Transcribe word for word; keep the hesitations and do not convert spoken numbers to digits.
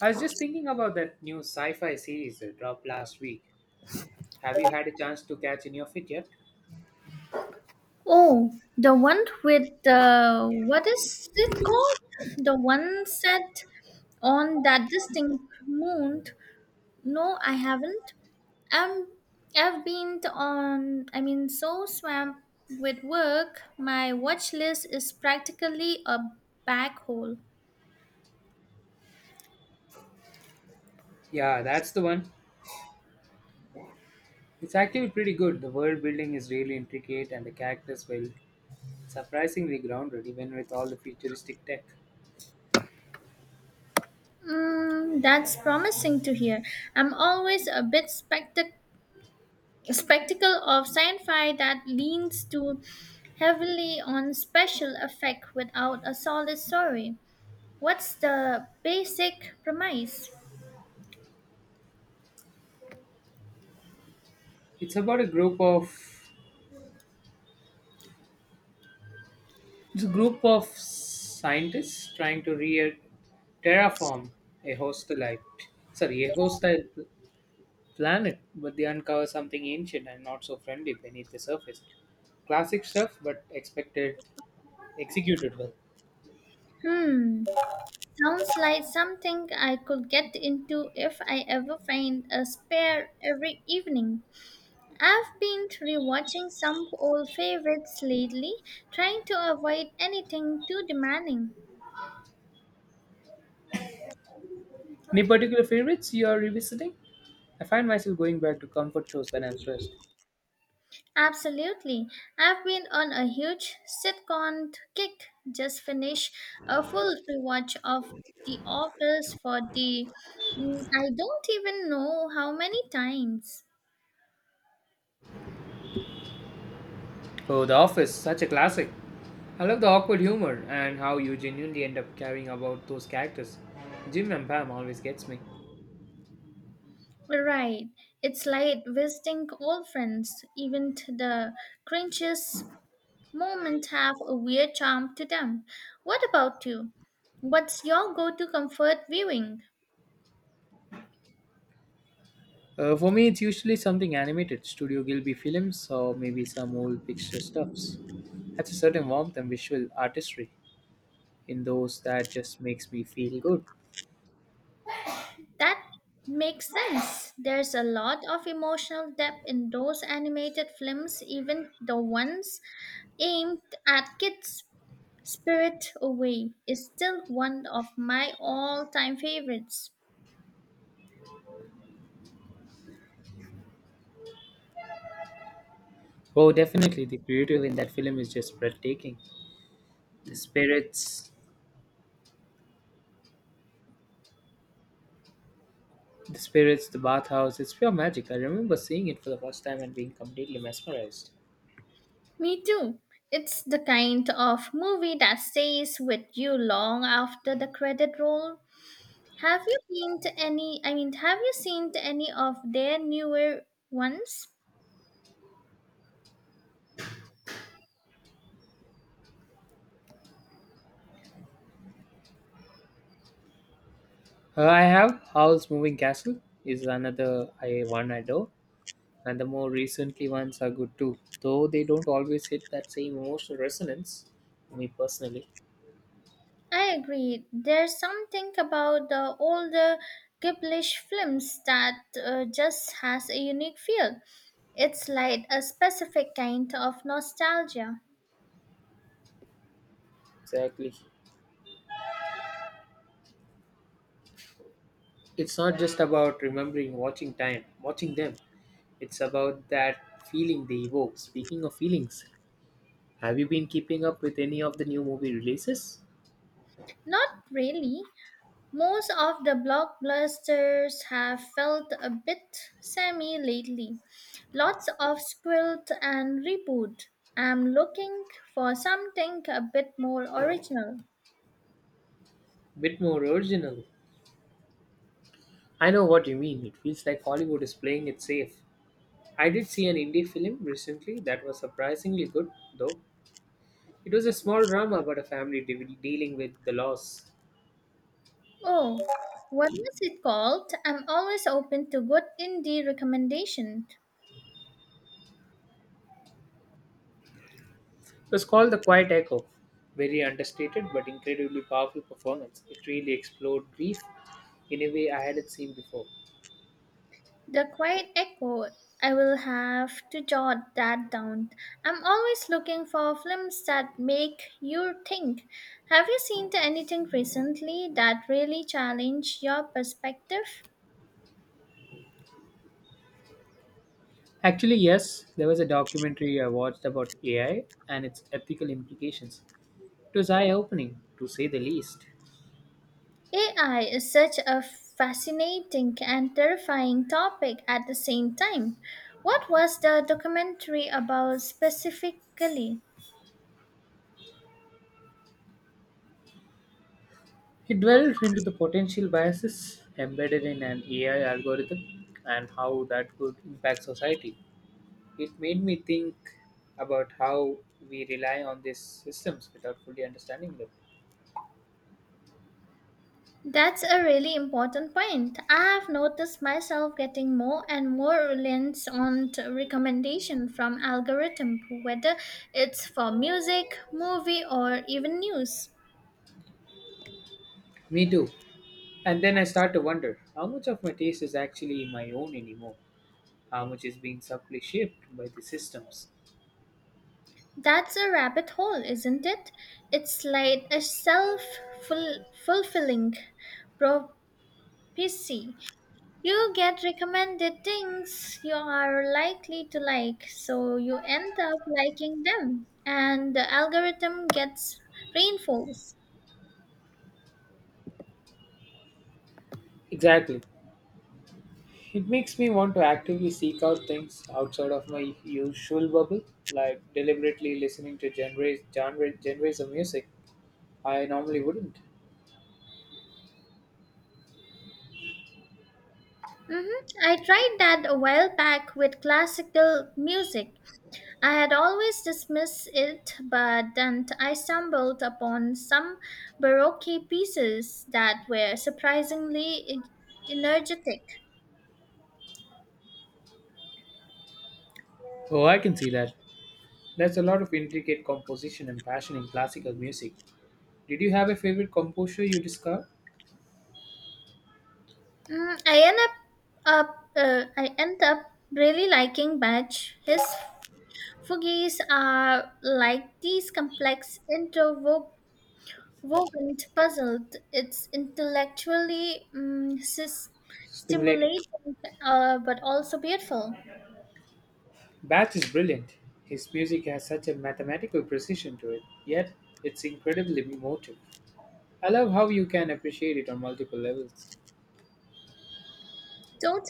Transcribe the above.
I was just thinking about that new sci-fi series that dropped last week. Have you had a chance to catch any of it yet? Oh, the one with the what is it called? The one set on that distinct moon. No, I haven't. Um, I've been on. I mean, so swamped with work, my watch list is practically a black hole. Yeah, that's the one. It's actually pretty good. The world building is really intricate and the characters well surprisingly grounded even with all the futuristic tech. Mm, that's promising to hear. I'm always a bit spectac spectacle of sci-fi that leans too heavily on special effect without a solid story. What's the basic premise? It's about a group of it's a group of scientists trying to re terraform a hostile sorry, a hostile planet, but they uncover something ancient and not so friendly beneath the surface. Classic stuff, but expected executed well. Hmm, sounds like something I could get into if I ever find a spare every evening. I've been rewatching some old favorites lately, trying to avoid anything too demanding. Any particular favorites you are revisiting? I find myself going back to comfort shows when I'm stressed. Absolutely. I've been on a huge sitcom kick. Just finished a full rewatch of The Office for the mm, I don't even know how many times. Oh, The Office, such a classic. I love the awkward humor and how you genuinely end up caring about those characters. Jim and Pam always gets me. Right. It's like visiting old friends. Even t- the cringiest moments have a weird charm to them. What about you? What's your go-to comfort viewing? Uh, for me, it's usually something animated, Studio Gilby films, or maybe some old picture stuffs. That's a certain warmth and visual artistry in those that just makes me feel good. That makes sense. There's a lot of emotional depth in those animated films, even the ones aimed at kids. Spirit Away is still one of my all time favorites. Oh, definitely the creative in that film is just breathtaking. The spirits, the spirits, the bathhouse, it's pure magic. I remember seeing it for the first time and being completely mesmerized. Me too. It's the kind of movie that stays with you long after the credit roll. Have you seen to any I mean have you seen to any of their newer ones? Uh, I have Howl's Moving Castle is another I one I adore, and the more recently ones are good too, though they don't always hit that same emotional resonance. Me personally, I agree. There's something about the older Ghiblish films that uh, just has a unique feel. It's like a specific kind of nostalgia. exactly. It's not just about remembering watching time, watching them. It's about that feeling they evoke. Speaking of feelings, have you been keeping up with any of the new movie releases? Not really. Most of the blockbusters have felt a bit semi lately. Lots of squilt and reboot. I'm looking for something a bit more original. Bit more original. I know what you mean. It feels like Hollywood is playing it safe. I did see an indie film recently that was surprisingly good, though. It was a small drama about a family de- dealing with the loss. Oh, what was it called? I'm always open to good indie recommendation. It was called The Quiet Echo. Very understated but incredibly powerful performance. It really explored grief in a way I hadn't seen before. The Quiet Echo. I will have to jot that down. I'm always looking for films that make you think. Have you seen anything recently that really challenge your perspective? Actually, yes, there was a documentary I watched about A I and its ethical implications. It was eye opening, to say the least. A I is such a fascinating and terrifying topic at the same time. What was the documentary about specifically? It delved into the potential biases embedded in an A I algorithm and how that could impact society. It made me think about how we rely on these systems without fully understanding them. That's a really important point. I have noticed myself getting more and more reliance on t- recommendation from algorithm, whether it's for music, movie, or even news. Me too. And then I start to wonder how much of my taste is actually my own anymore? How much is being subtly shaped by the systems? That's a rabbit hole, isn't it? It's like a self-fulfilling prophecy. You get recommended things you are likely to like, so you end up liking them, and the algorithm gets reinforced. Exactly. It makes me want to actively seek out things outside of my usual bubble, like deliberately listening to genres, genre, genres of music I normally wouldn't. Hmm. I tried that a while back with classical music. I had always dismissed it, but then I stumbled upon some Baroque pieces that were surprisingly e- energetic. Oh, I can see that. There's a lot of intricate composition and passion in classical music. Did you have a favorite composer you discovered? Mm, I end up, up uh, I end up really liking Bach. His fugues are like these complex interwoven Vogant puzzled. It's intellectually mm, sis- Stimulating. stimulating, uh, but also beautiful. Bach is brilliant. His music has such a mathematical precision to it, yet it's incredibly emotive. I love how you can appreciate it on multiple levels. Totally,